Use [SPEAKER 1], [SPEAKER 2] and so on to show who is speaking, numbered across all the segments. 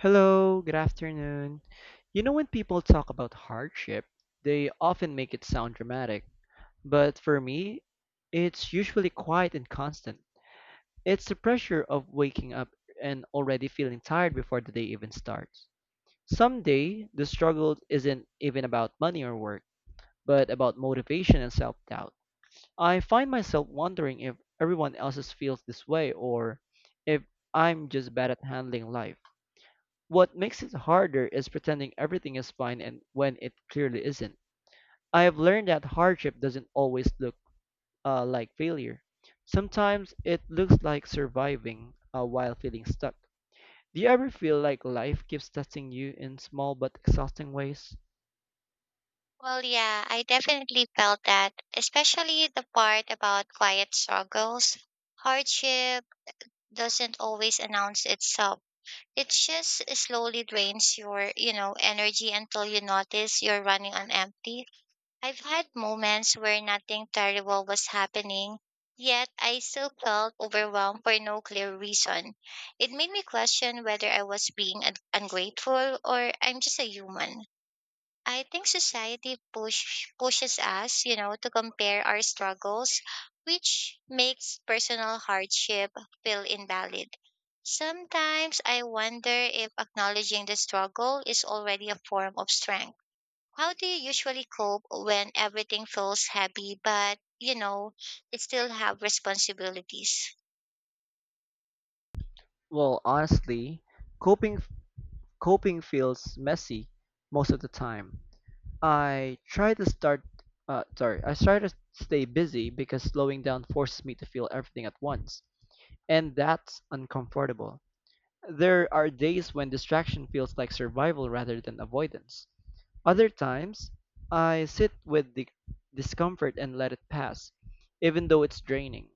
[SPEAKER 1] Hello, good afternoon. You know, when people talk about hardship, they often make it sound dramatic, but for me, it's usually quiet and constant. It's the pressure of waking up and already feeling tired before the day even starts. Someday, the struggle isn't even about money or work, but about motivation and self doubt. I find myself wondering if everyone else feels this way or if I'm just bad at handling life. What makes it harder is pretending everything is fine and when it clearly isn't. I have learned that hardship doesn't always look like failure. Sometimes it looks like surviving while feeling stuck. Do you ever feel like life keeps testing you in small but exhausting ways?
[SPEAKER 2] Well, yeah, I definitely felt that, especially the part about quiet struggles. Hardship doesn't always announce itself. It just slowly drains your energy until you notice you're running on empty. I've had moments where nothing terrible was happening, yet I still felt overwhelmed for no clear reason. It made me question whether I was being ungrateful or I'm just a human. I think society pushes us to compare our struggles, which makes personal hardship feel invalid. Sometimes I wonder if acknowledging the struggle is already a form of strength. How do you usually cope when everything feels heavy, but you still have responsibilities?
[SPEAKER 1] Well, honestly, coping coping feels messy most of the time. I try to start I try to stay busy because slowing down forces me to feel everything at once. And that's uncomfortable. There are days when distraction feels like survival rather than avoidance. Other times, I sit with the discomfort and let it pass, even though it's draining.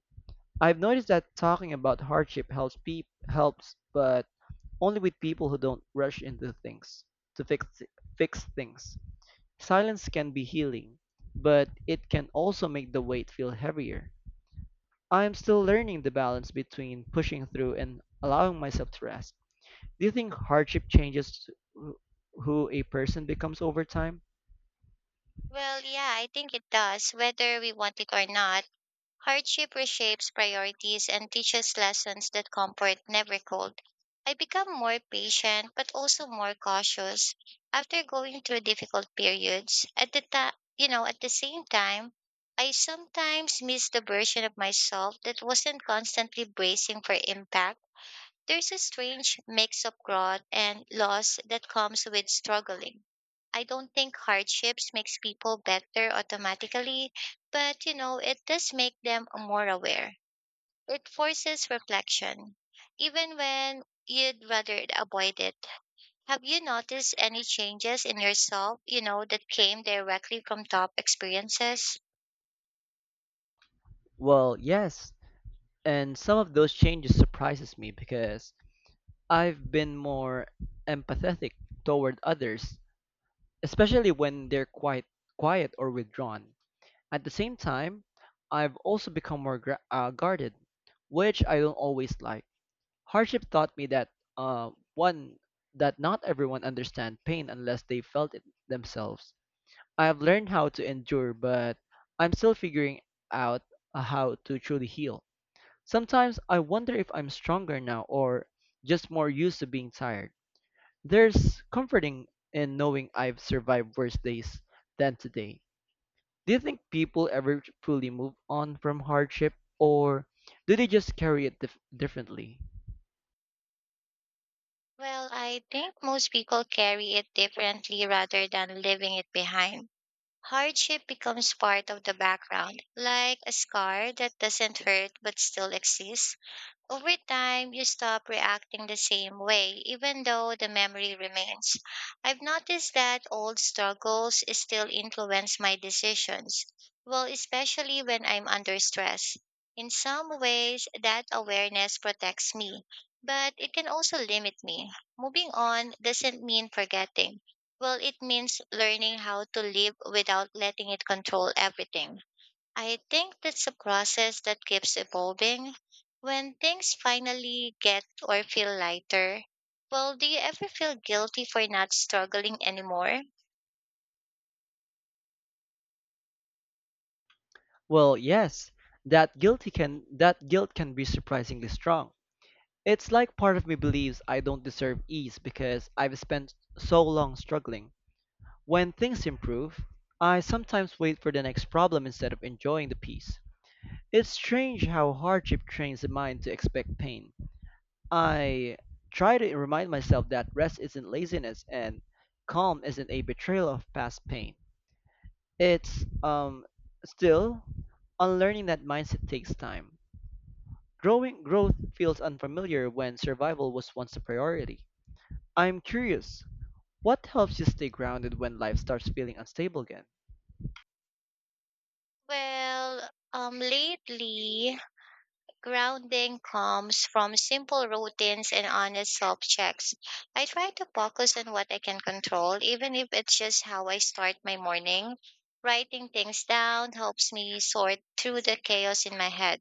[SPEAKER 1] I've noticed that talking about hardship helps, but only with people who don't rush into things to fix fix things. Silence can be healing, but it can also make the weight feel heavier. I am still learning the balance between pushing through and allowing myself to rest. Do you think hardship changes who a person becomes over time?
[SPEAKER 2] Well, yeah, I think it does, whether we want it or not. Hardship reshapes priorities and teaches lessons that comfort never could. I become more patient but also more cautious after going through difficult periods. At the same time, I sometimes miss the version of myself that wasn't constantly bracing for impact. There's a strange mix of growth and loss that comes with struggling. I don't think hardships makes people better automatically, but it does make them more aware. It forces reflection, even when you'd rather avoid it. Have you noticed any changes in yourself, that came directly from top experiences?
[SPEAKER 1] Well, yes. And some of those changes surprises me because I've been more empathetic toward others, especially when they're quite quiet or withdrawn. At the same time, I've also become more guarded, which I don't always like. Hardship taught me that one that not everyone understands pain unless they felt it themselves. I have learned how to endure, but I'm still figuring out how to truly heal. Sometimes I wonder if I'm stronger now or just more used to being tired. There's comforting in knowing I've survived worse days than today. Do you think people ever truly move on from hardship or do they just carry it differently?
[SPEAKER 2] Well, I think most people carry it differently rather than leaving it behind. Hardship becomes part of the background, like a scar that doesn't hurt but still exists. Over time, you stop reacting the same way, even though the memory remains. I've noticed that old struggles still influence my decisions, well, especially when I'm under stress. In some ways, that awareness protects me, but it can also limit me. Moving on doesn't mean forgetting. Well, it means learning how to live without letting it control everything. I think that's a process that keeps evolving. When things finally get or feel lighter, well, do you ever feel guilty for not struggling anymore?
[SPEAKER 1] Well, yes, that guilt can be surprisingly strong. It's like part of me believes I don't deserve ease because I've spent so long struggling. When things improve, I sometimes wait for the next problem instead of enjoying the peace. It's strange how hardship trains the mind to expect pain. I try to remind myself that rest isn't laziness and calm isn't a betrayal of past pain. It's still Unlearning that mindset takes time. Growing Growth feels unfamiliar when survival was once a priority. I'm curious, what helps you stay grounded when life starts feeling unstable again?
[SPEAKER 2] Lately, grounding comes from simple routines and honest self checks. I try to focus on what I can control, even if it's just how I start my morning. Writing things down helps me sort through the chaos in my head.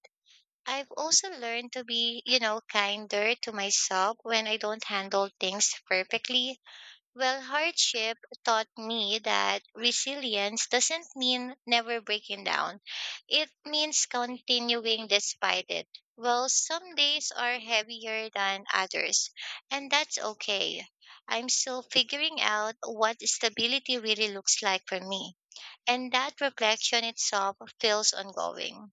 [SPEAKER 2] I've also learned to be kinder to myself when I don't handle things perfectly. Well, hardship taught me that resilience doesn't mean never breaking down. It means continuing despite it. Well, some days are heavier than others, and that's okay. I'm still figuring out what stability really looks like for me, and that reflection itself feels ongoing.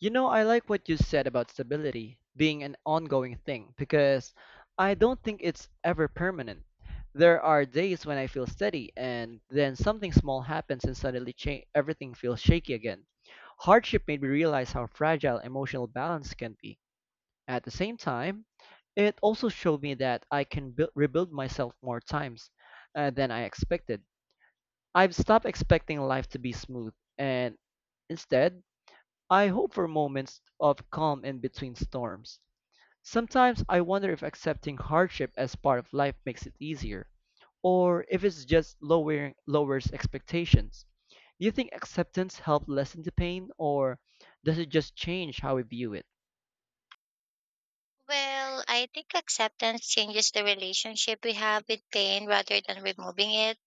[SPEAKER 1] You know, I like what you said about stability being an ongoing thing because I don't think it's ever permanent. There are days when I feel steady and then something small happens and suddenly everything feels shaky again. Hardship made me realize how fragile emotional balance can be. At the same time, it also showed me that I can rebuild myself more times than I expected. I've stopped expecting life to be smooth, and instead, I hope for moments of calm in between storms. Sometimes I wonder if accepting hardship as part of life makes it easier, or if it's just lowering lowers expectations. Do you think acceptance helps lessen the pain, or does it just change how we view it?
[SPEAKER 2] Well, I think acceptance changes the relationship we have with pain rather than removing it.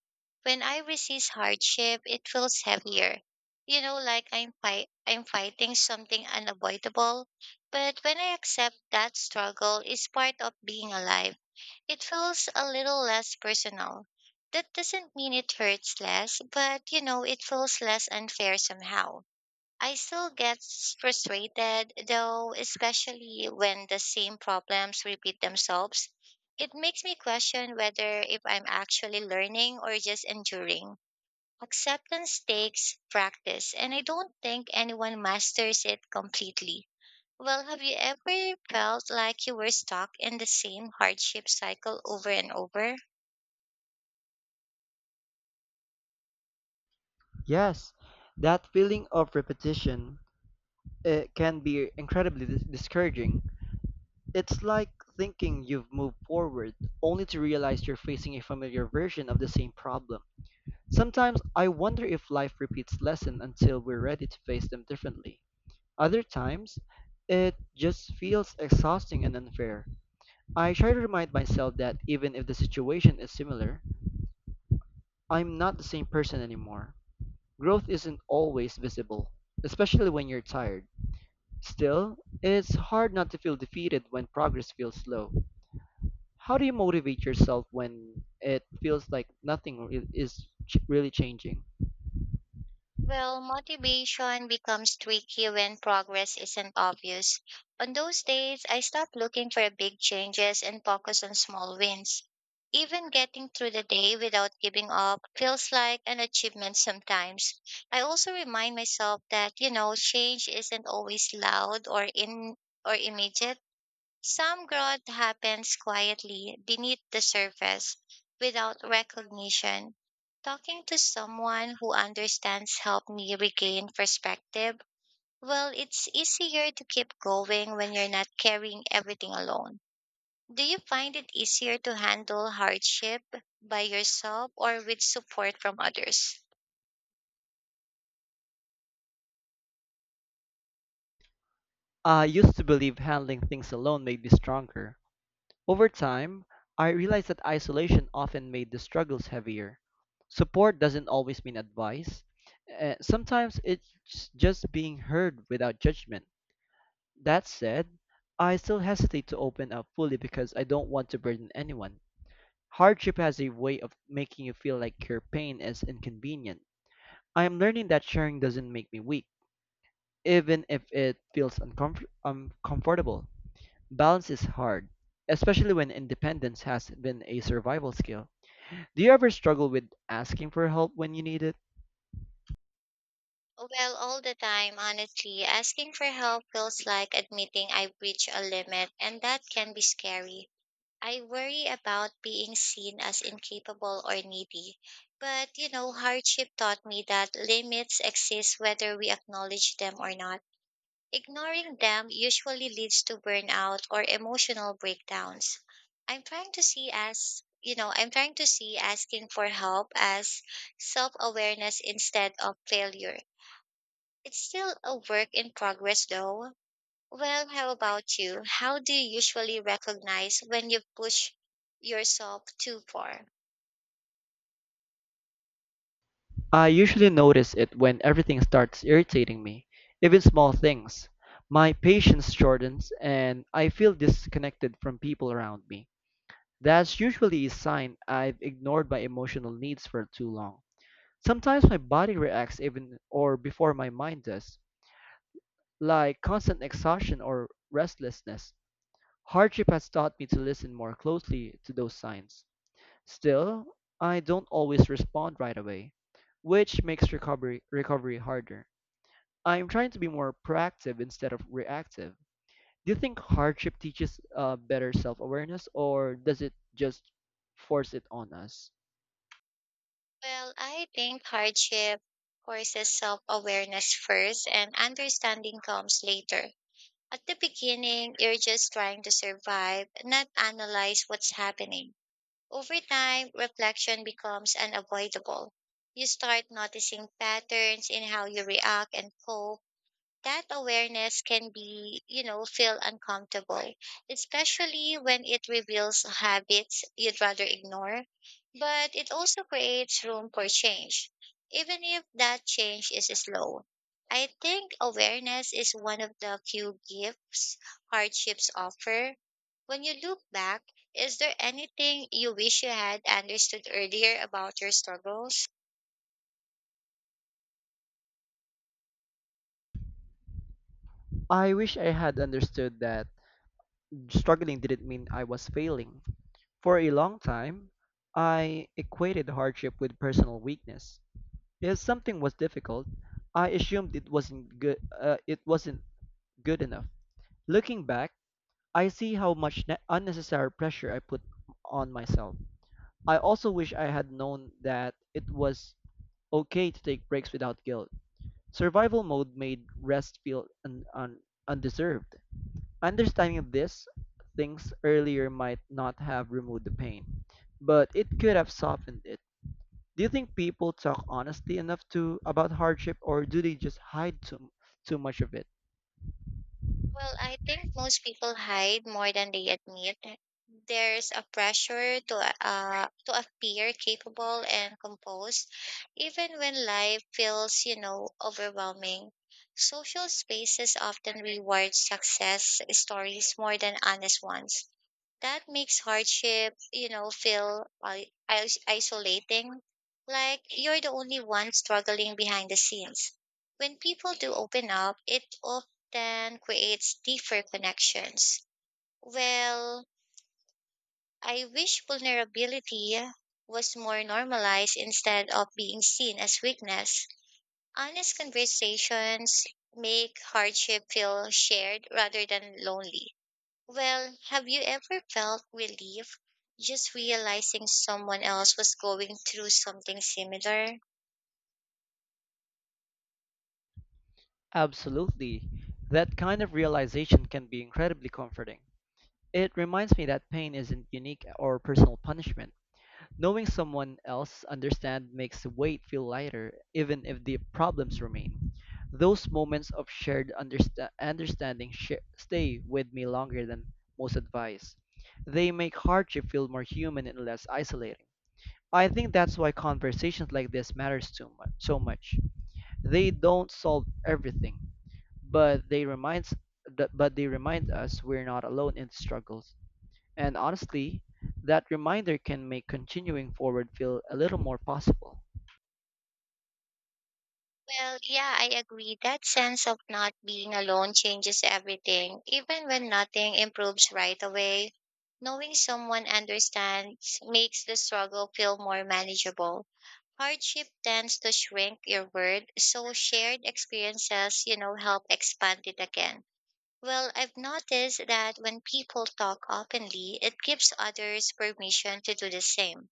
[SPEAKER 2] When I resist hardship, it feels heavier. You know, like I'm fighting something unavoidable. But when I accept that struggle is part of being alive, it feels a little less personal. That doesn't mean it hurts less, but it feels less unfair somehow. I still get frustrated, though, especially when the same problems repeat themselves. It makes me question whether if I'm actually learning or just enduring. Acceptance takes practice, and I don't think anyone masters it completely. Well, have you ever felt like you were stuck in the same hardship cycle over and over?
[SPEAKER 1] Yes, that feeling of repetition it can be incredibly discouraging. It's like thinking you've moved forward only to realize you're facing a familiar version of the same problem. Sometimes I wonder if life repeats lessons until we're ready to face them differently. Other times, it just feels exhausting and unfair. I try to remind myself that even if the situation is similar, I'm not the same person anymore. Growth isn't always visible, especially when you're tired. Still, it's hard not to feel defeated when progress feels slow. How do you motivate yourself when it feels like nothing re- is ch- really changing?
[SPEAKER 2] Well, motivation becomes tricky when progress isn't obvious. On those days, I stop looking for big changes and focus on small wins. Even getting through the day without giving up feels like an achievement sometimes. I also remind myself that change isn't always loud or immediate. Some growth happens quietly beneath the surface without recognition. Talking to someone who understands helped me regain perspective. Well, it's easier to keep going when you're not carrying everything alone. Do you find it easier to handle hardship by yourself or with support from others?
[SPEAKER 1] I used to believe handling things alone made me stronger. Over time, I realized that isolation often made the struggles heavier. Support doesn't always mean advice. Sometimes it's just being heard without judgment. That said, I still hesitate to open up fully because I don't want to burden anyone. Hardship has a way of making you feel like your pain is inconvenient. I am learning that sharing doesn't make me weak, even if it feels uncomfortable. Balance is hard, especially when independence has been a survival skill. Do you ever struggle with asking for help when you need it?
[SPEAKER 2] Well, all the time, honestly, asking for help feels like admitting I've reached a limit, and that can be scary. I worry about being seen as incapable or needy. But, hardship taught me that limits exist whether we acknowledge them or not. Ignoring them usually leads to burnout or emotional breakdowns. I'm trying to see asking for help as self awareness instead of failure. It's still a work in progress though. Well, how about you? How do you usually recognize when you push yourself too far?
[SPEAKER 1] I usually notice it when everything starts irritating me, even small things. My patience shortens and I feel disconnected from people around me. That's usually a sign I've ignored my emotional needs for too long. Sometimes my body reacts even or before my mind does, like constant exhaustion or restlessness. Hardship has taught me to listen more closely to those signs. Still, I don't always respond right away, which makes recovery harder. I'm trying to be more proactive instead of reactive. Do you think hardship teaches better self-awareness or does it just force it on us?
[SPEAKER 2] Well, I think hardship forces self awareness first and understanding comes later. At the beginning, you're just trying to survive, not analyze what's happening. Over time, reflection becomes unavoidable. You start noticing patterns in how you react and cope. That awareness can feel uncomfortable, especially when it reveals habits you'd rather ignore. But it also creates room for change, even if that change is slow. I think awareness is one of the few gifts hardships offer. When you look back, is there anything you wish you had understood earlier about your struggles?
[SPEAKER 1] I wish I had understood that struggling didn't mean I was failing. For a long time, I equated hardship with personal weakness. If something was difficult, I assumed it wasn't good. It wasn't good enough. Looking back, I see how much unnecessary pressure I put on myself. I also wish I had known that it was okay to take breaks without guilt. Survival mode made rest feel undeserved. Understanding this things earlier might not have removed the pain, but it could have softened it. Do you think people talk honestly enough to about hardship or do they just hide too much of it?
[SPEAKER 2] Well, I think most people hide more than they admit. There's a pressure to appear capable and composed, even when life feels overwhelming. Social spaces often reward success stories more than honest ones. That makes hardship feel isolating, like you're the only one struggling behind the scenes. When people do open up, it often creates deeper connections. Well, I wish vulnerability was more normalized instead of being seen as weakness. Honest conversations make hardship feel shared rather than lonely. Well, have you ever felt relief just realizing someone else was going through something similar?
[SPEAKER 1] Absolutely. That kind of realization can be incredibly comforting. It reminds me that pain isn't unique or personal punishment. Knowing someone else understand makes the weight feel lighter, even if the problems remain. Those moments of understanding stay with me longer than most advice. They make hardship feel more human and less isolating. I think that's why conversations like this matters so much. They don't solve everything, but they reminds that but they remind us we're not alone in struggles. And honestly, that reminder can make continuing forward feel a little more possible.
[SPEAKER 2] Well, yeah, I agree. That sense of not being alone changes everything, even when nothing improves right away. Knowing someone understands makes the struggle feel more manageable. Hardship tends to shrink your world, so shared experiences help expand it again. Well, I've noticed that when people talk openly, it gives others permission to do the same.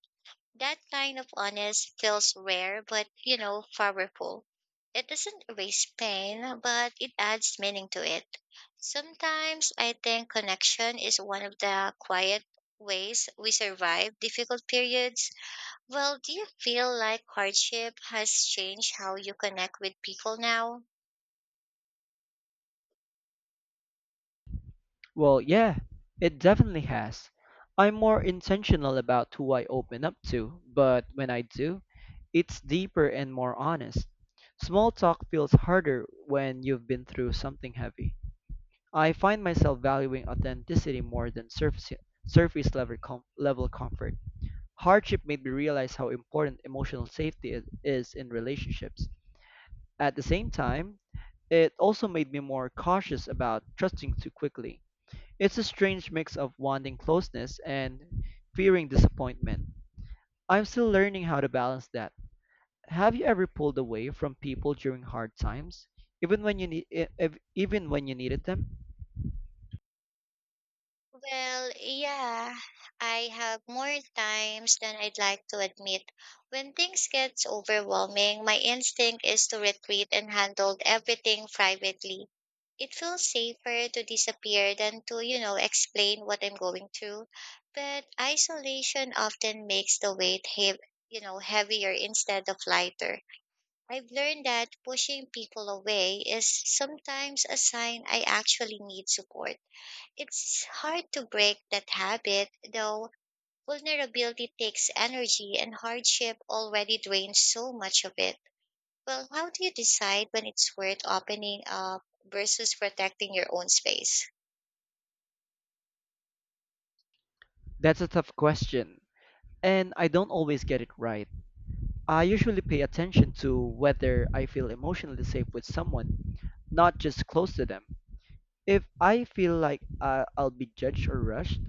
[SPEAKER 2] That kind of honest feels rare, but powerful. It doesn't erase pain, but it adds meaning to it. Sometimes I think connection is one of the quiet ways we survive difficult periods. Well, do you feel like hardship has changed how you connect with people now?
[SPEAKER 1] Well, yeah, it definitely has. I'm more intentional about who I open up to, but when I do, it's deeper and more honest. Small talk feels harder when you've been through something heavy. I find myself valuing authenticity more than level comfort. Hardship made me realize how important emotional safety is in relationships. At the same time, it also made me more cautious about trusting too quickly. It's a strange mix of wanting closeness and fearing disappointment. I'm still learning how to balance that. Have you ever pulled away from people during hard times, even when you needed them?
[SPEAKER 2] Well, yeah, I have more times than I'd like to admit. When things gets overwhelming, my instinct is to retreat and handle everything privately. It feels safer to disappear than to explain what I'm going through. But isolation often makes the weight heav heavier instead of lighter. I've learned that pushing people away is sometimes a sign I actually need support. It's hard to break that habit, though. Vulnerability takes energy and hardship already drains so much of it. Well, how do you decide when it's worth opening up versus protecting your own space?
[SPEAKER 1] That's a tough question, and I don't always get it right. I usually pay attention to whether I feel emotionally safe with someone, not just close to them. If I feel like I'll be judged or rushed,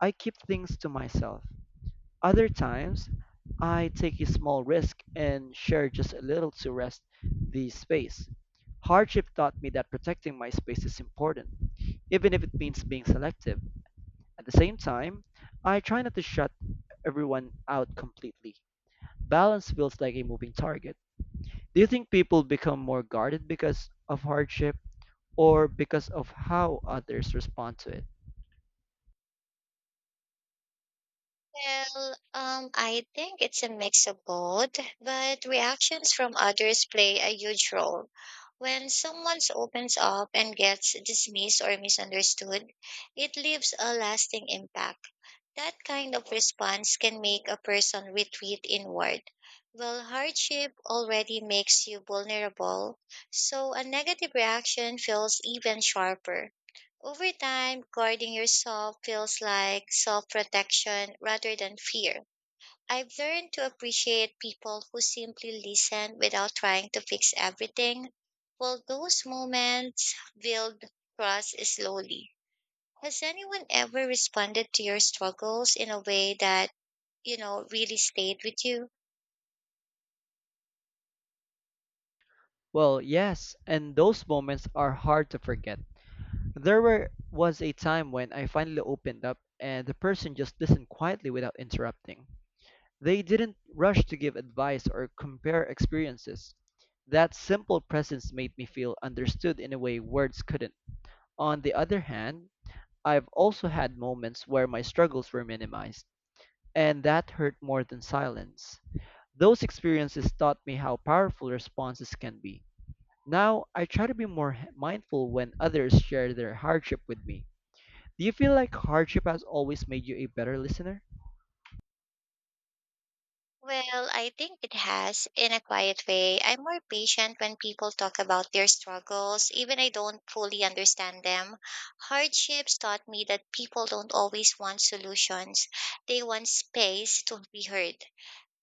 [SPEAKER 1] I keep things to myself. Other times, I take a small risk and share just a little to rest the space. Hardship taught me that protecting my space is important, even if it means being selective. At the same time, I try not to shut everyone out completely. Balance feels like a moving target. Do you think people become more guarded because of hardship or because of how others respond to it?
[SPEAKER 2] Well, I think it's a mix of both, but reactions from others play a huge role. When someone opens up and gets dismissed or misunderstood, it leaves a lasting impact. That kind of response can make a person retreat inward. Well, hardship already makes you vulnerable, so a negative reaction feels even sharper. Over time, guarding yourself feels like self protection rather than fear. I've learned to appreciate people who simply listen without trying to fix everything. Well, those moments build trust slowly. Has anyone ever responded to your struggles in a way that really stayed with you?
[SPEAKER 1] Well, yes, and those moments are hard to forget. Was a time when I finally opened up and the person just listened quietly without interrupting. They didn't rush to give advice or compare experiences. That simple presence made me feel understood in a way words couldn't. On the other hand, I've also had moments where my struggles were minimized, and that hurt more than silence. Those experiences taught me how powerful responses can be. Now, I try to be more mindful when others share their hardship with me. Do you feel like hardship has always made you a better listener?
[SPEAKER 2] Well, I think it has in a quiet way. I'm more patient when people talk about their struggles, even I don't fully understand them. Hardships taught me that people don't always want solutions. They want space to be heard.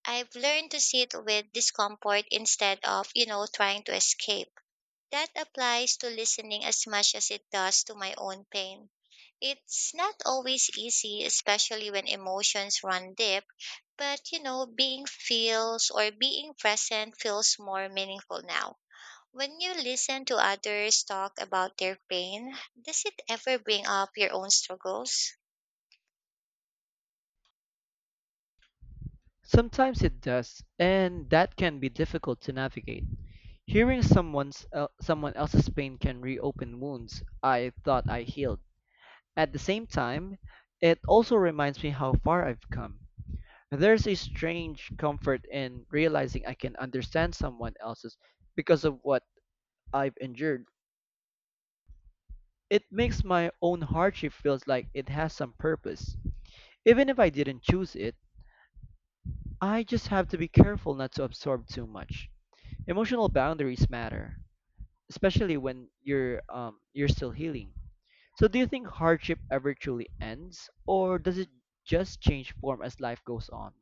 [SPEAKER 2] I've learned to sit with discomfort instead of trying to escape. That applies to listening as much as it does to my own pain. It's not always easy, especially when emotions run deep, but being present feels more meaningful now. When you listen to others talk about their pain, does it ever bring up your own struggles?
[SPEAKER 1] Sometimes it does, and that can be difficult to navigate. Hearing someone else's pain can reopen wounds I thought I healed. At the same time, it also reminds me how far I've come. There's a strange comfort in realizing I can understand someone else's because of what I've endured. It makes my own hardship feels like it has some purpose, even if I didn't choose it. I just have to be careful not to absorb too much. Emotional boundaries matter, especially when you're still healing. So do you think hardship ever truly ends, or does it just change form as life goes on?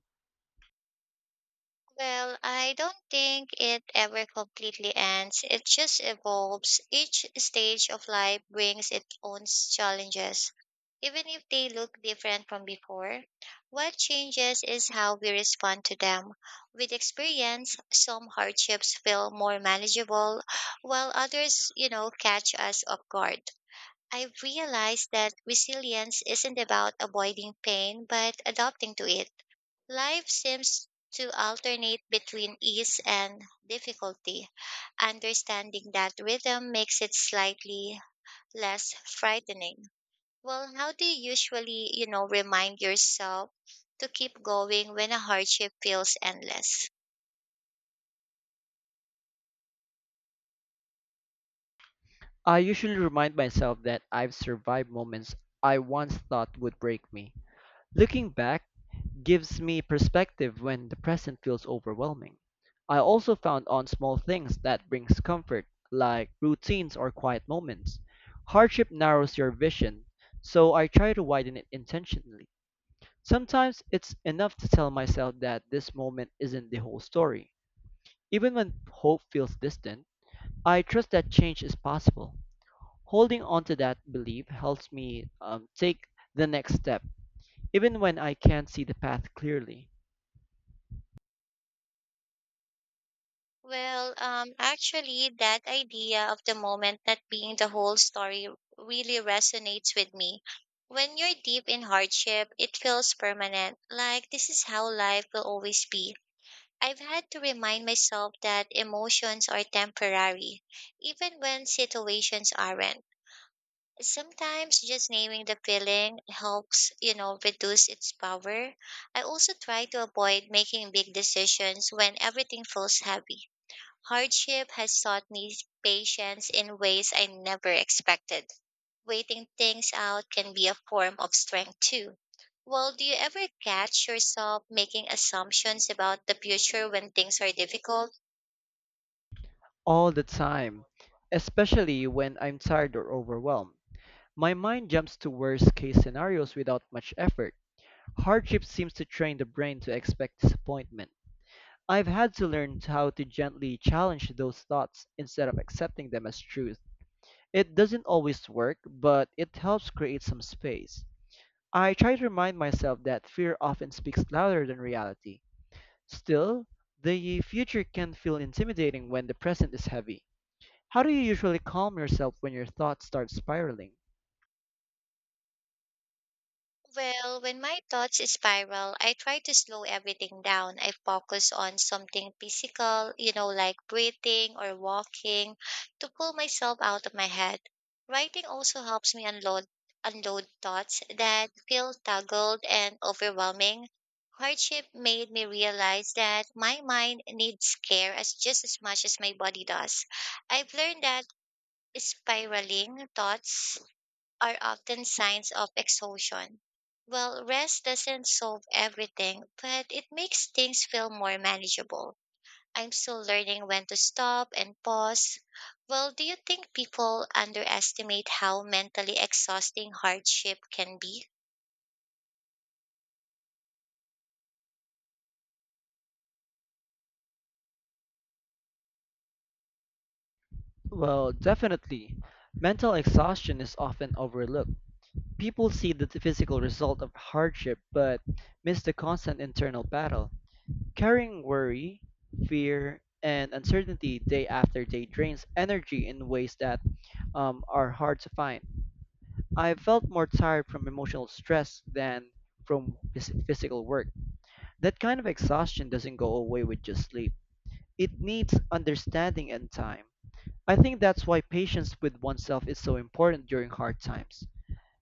[SPEAKER 2] Well, I don't think it ever completely ends. It just evolves. Each stage of life brings its own challenges, even if they look different from before. What changes is how we respond to them. With experience, some hardships feel more manageable, while others catch us off guard. I've realized that resilience isn't about avoiding pain, but adapting to it. Life seems to alternate between ease and difficulty. Understanding that rhythm makes it slightly less frightening. Well, how do you usually remind yourself to keep going when a hardship feels endless?
[SPEAKER 1] I usually remind myself that I've survived moments I once thought would break me. Looking back gives me perspective when the present feels overwhelming. I also found on small things that brings comfort, like routines or quiet moments. Hardship narrows your vision, so I try to widen it intentionally. Sometimes it's enough to tell myself that this moment isn't the whole story. Even when hope feels distant, I trust that change is possible. Holding on to that belief helps me take the next step even when I can't see the path clearly,
[SPEAKER 2] Actually, that idea of the moment not being the whole story really resonates with me. When you're deep in hardship, it feels permanent, like this is how life will always be. I've had to remind myself that emotions are temporary, even when situations aren't. Sometimes just naming the feeling helps reduce its power. I also try to avoid making big decisions when everything feels heavy. Hardship has taught me patience in ways I never expected. Waiting things out can be a form of strength too. Well, do you ever catch yourself making assumptions about the future when things are difficult?
[SPEAKER 1] all the time, especially when I'm tired or overwhelmed. My mind jumps to worst case scenarios without much effort. Hardship seems to train the brain to expect disappointment. I've had to learn how to gently challenge those thoughts instead of accepting them as truth. It doesn't always work, but it helps create some space. I try to remind myself that fear often speaks louder than reality. Still, the future can feel intimidating when the present is heavy. How do you usually calm yourself when your thoughts start spiraling?
[SPEAKER 2] Well, when my thoughts spiral, I try to slow everything down. I focus on something physical, like breathing or walking to pull myself out of my head. Writing also helps me unload thoughts that feel tangled and overwhelming. Hardship made me realize that my mind needs care as just as much as my body does. I've learned that spiraling thoughts are often signs of exhaustion. Well, rest doesn't solve everything, but it makes things feel more manageable. I'm still learning when to stop and pause. Well, do you think people underestimate how mentally exhausting hardship can be?
[SPEAKER 1] Well, definitely. Mental exhaustion is often overlooked. People see the physical result of hardship but miss the constant internal battle. Carrying worry, fear, and uncertainty day after day drains energy in ways that are hard to find. I felt more tired from emotional stress than from physical work. That kind of exhaustion doesn't go away with just sleep. It needs understanding and time. I think that's why patience with oneself is so important during hard times.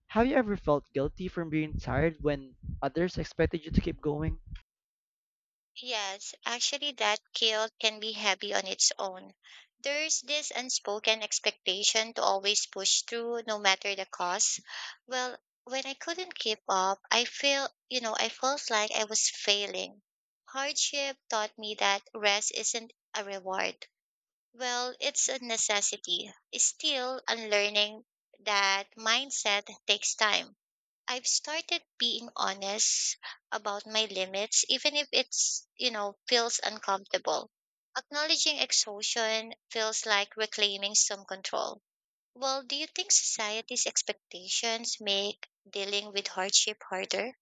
[SPEAKER 1] Have you ever felt guilty from being tired when others expected you to keep going?
[SPEAKER 2] Yes, actually, that guilt can be heavy on its own. There's this unspoken expectation to always push through no matter the cost. Well, when I couldn't keep up, I feel, you know, I felt like I was failing. Hardship taught me that rest isn't a reward. Well, it's a necessity. Still, unlearning that mindset takes time. I've started being honest about my limits, even if it's, you know, feels uncomfortable. Acknowledging exhaustion feels like reclaiming some control. Well, do you think society's expectations make dealing with hardship harder?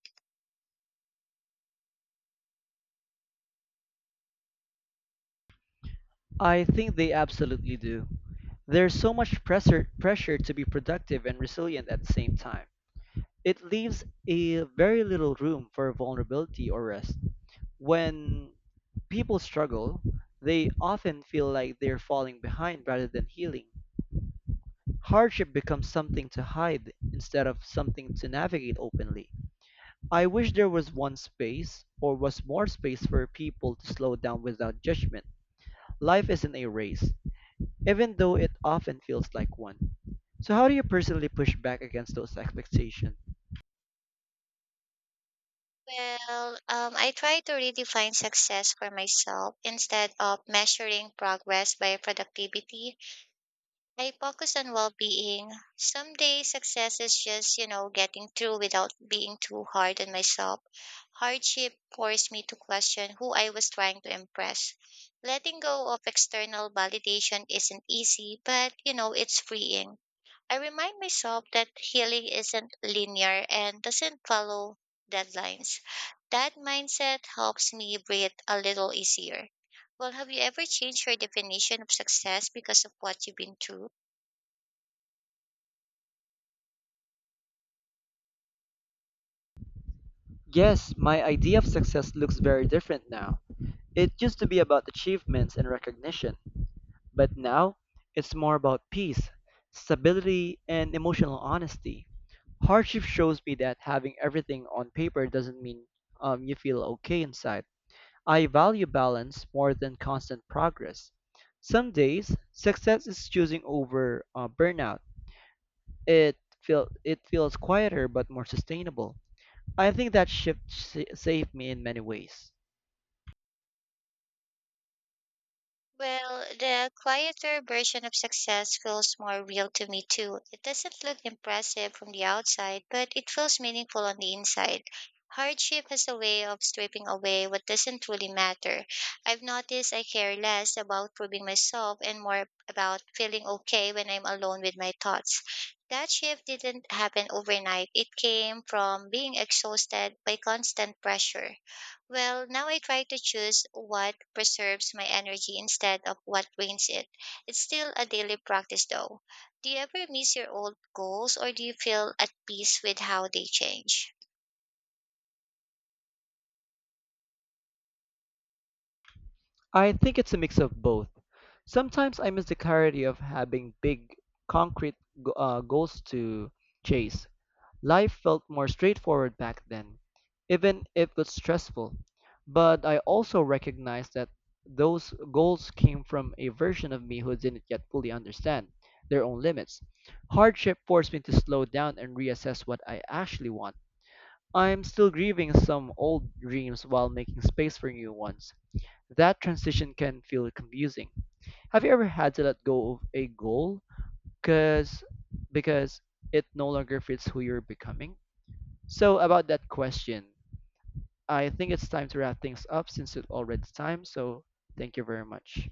[SPEAKER 1] I think they absolutely do. There's so much pressure to be productive and resilient at the same time. It leaves a very little room for vulnerability or rest. When people struggle, they often feel like they're falling behind rather than healing. Hardship becomes something to hide instead of something to navigate openly. I wish there was one space or was more space for people to slow down without judgment. Life isn't a race, even though it often feels like one. So how do you personally push back against those expectations?
[SPEAKER 2] Well, I try to redefine success for myself instead of measuring progress by productivity. I focus on well being. Some days success is just getting through without being too hard on myself. Hardship forced me to question who I was trying to impress. Letting go of external validation isn't easy, but, it's freeing. I remind myself that healing isn't linear and doesn't follow deadlines. That mindset helps me breathe a little easier. Well, have you ever changed your definition of success because of what you've been through?
[SPEAKER 1] Yes, my idea of success looks very different now. It used to be about achievements and recognition, but now it's more about peace, stability, and emotional honesty. Hardship shows me that having everything on paper doesn't mean you feel okay inside. I value balance more than constant progress. Some days, success is choosing over burnout. It it feels quieter but more sustainable. I think that shift saved me in many ways.
[SPEAKER 2] Well, the quieter version of success feels more real to me too. It doesn't look impressive from the outside, but it feels meaningful on the inside. Hardship has a way of stripping away what doesn't really matter. I've noticed I care less about proving myself and more about feeling okay when I'm alone with my thoughts. That shift didn't happen overnight. It came from being exhausted by constant pressure. Well, now I try to choose what preserves my energy instead of what drains it. It's still a daily practice though. Do you ever miss your old goals or do you feel at peace with how they change?
[SPEAKER 1] I think it's a mix of both. Sometimes I miss the clarity of having big, concrete goals to chase. Life felt more straightforward back then, even if it was stressful. But I also recognize that those goals came from a version of me who didn't yet fully understand their own limits. Hardship forced me to slow down and reassess what I actually want. I'm still grieving some old dreams while making space for new ones. That transition can feel confusing. Have you ever had to let go of a goal because because it no longer fits who you're becoming? So about that question, I think it's time to wrap things up since it's already time. So thank you very much.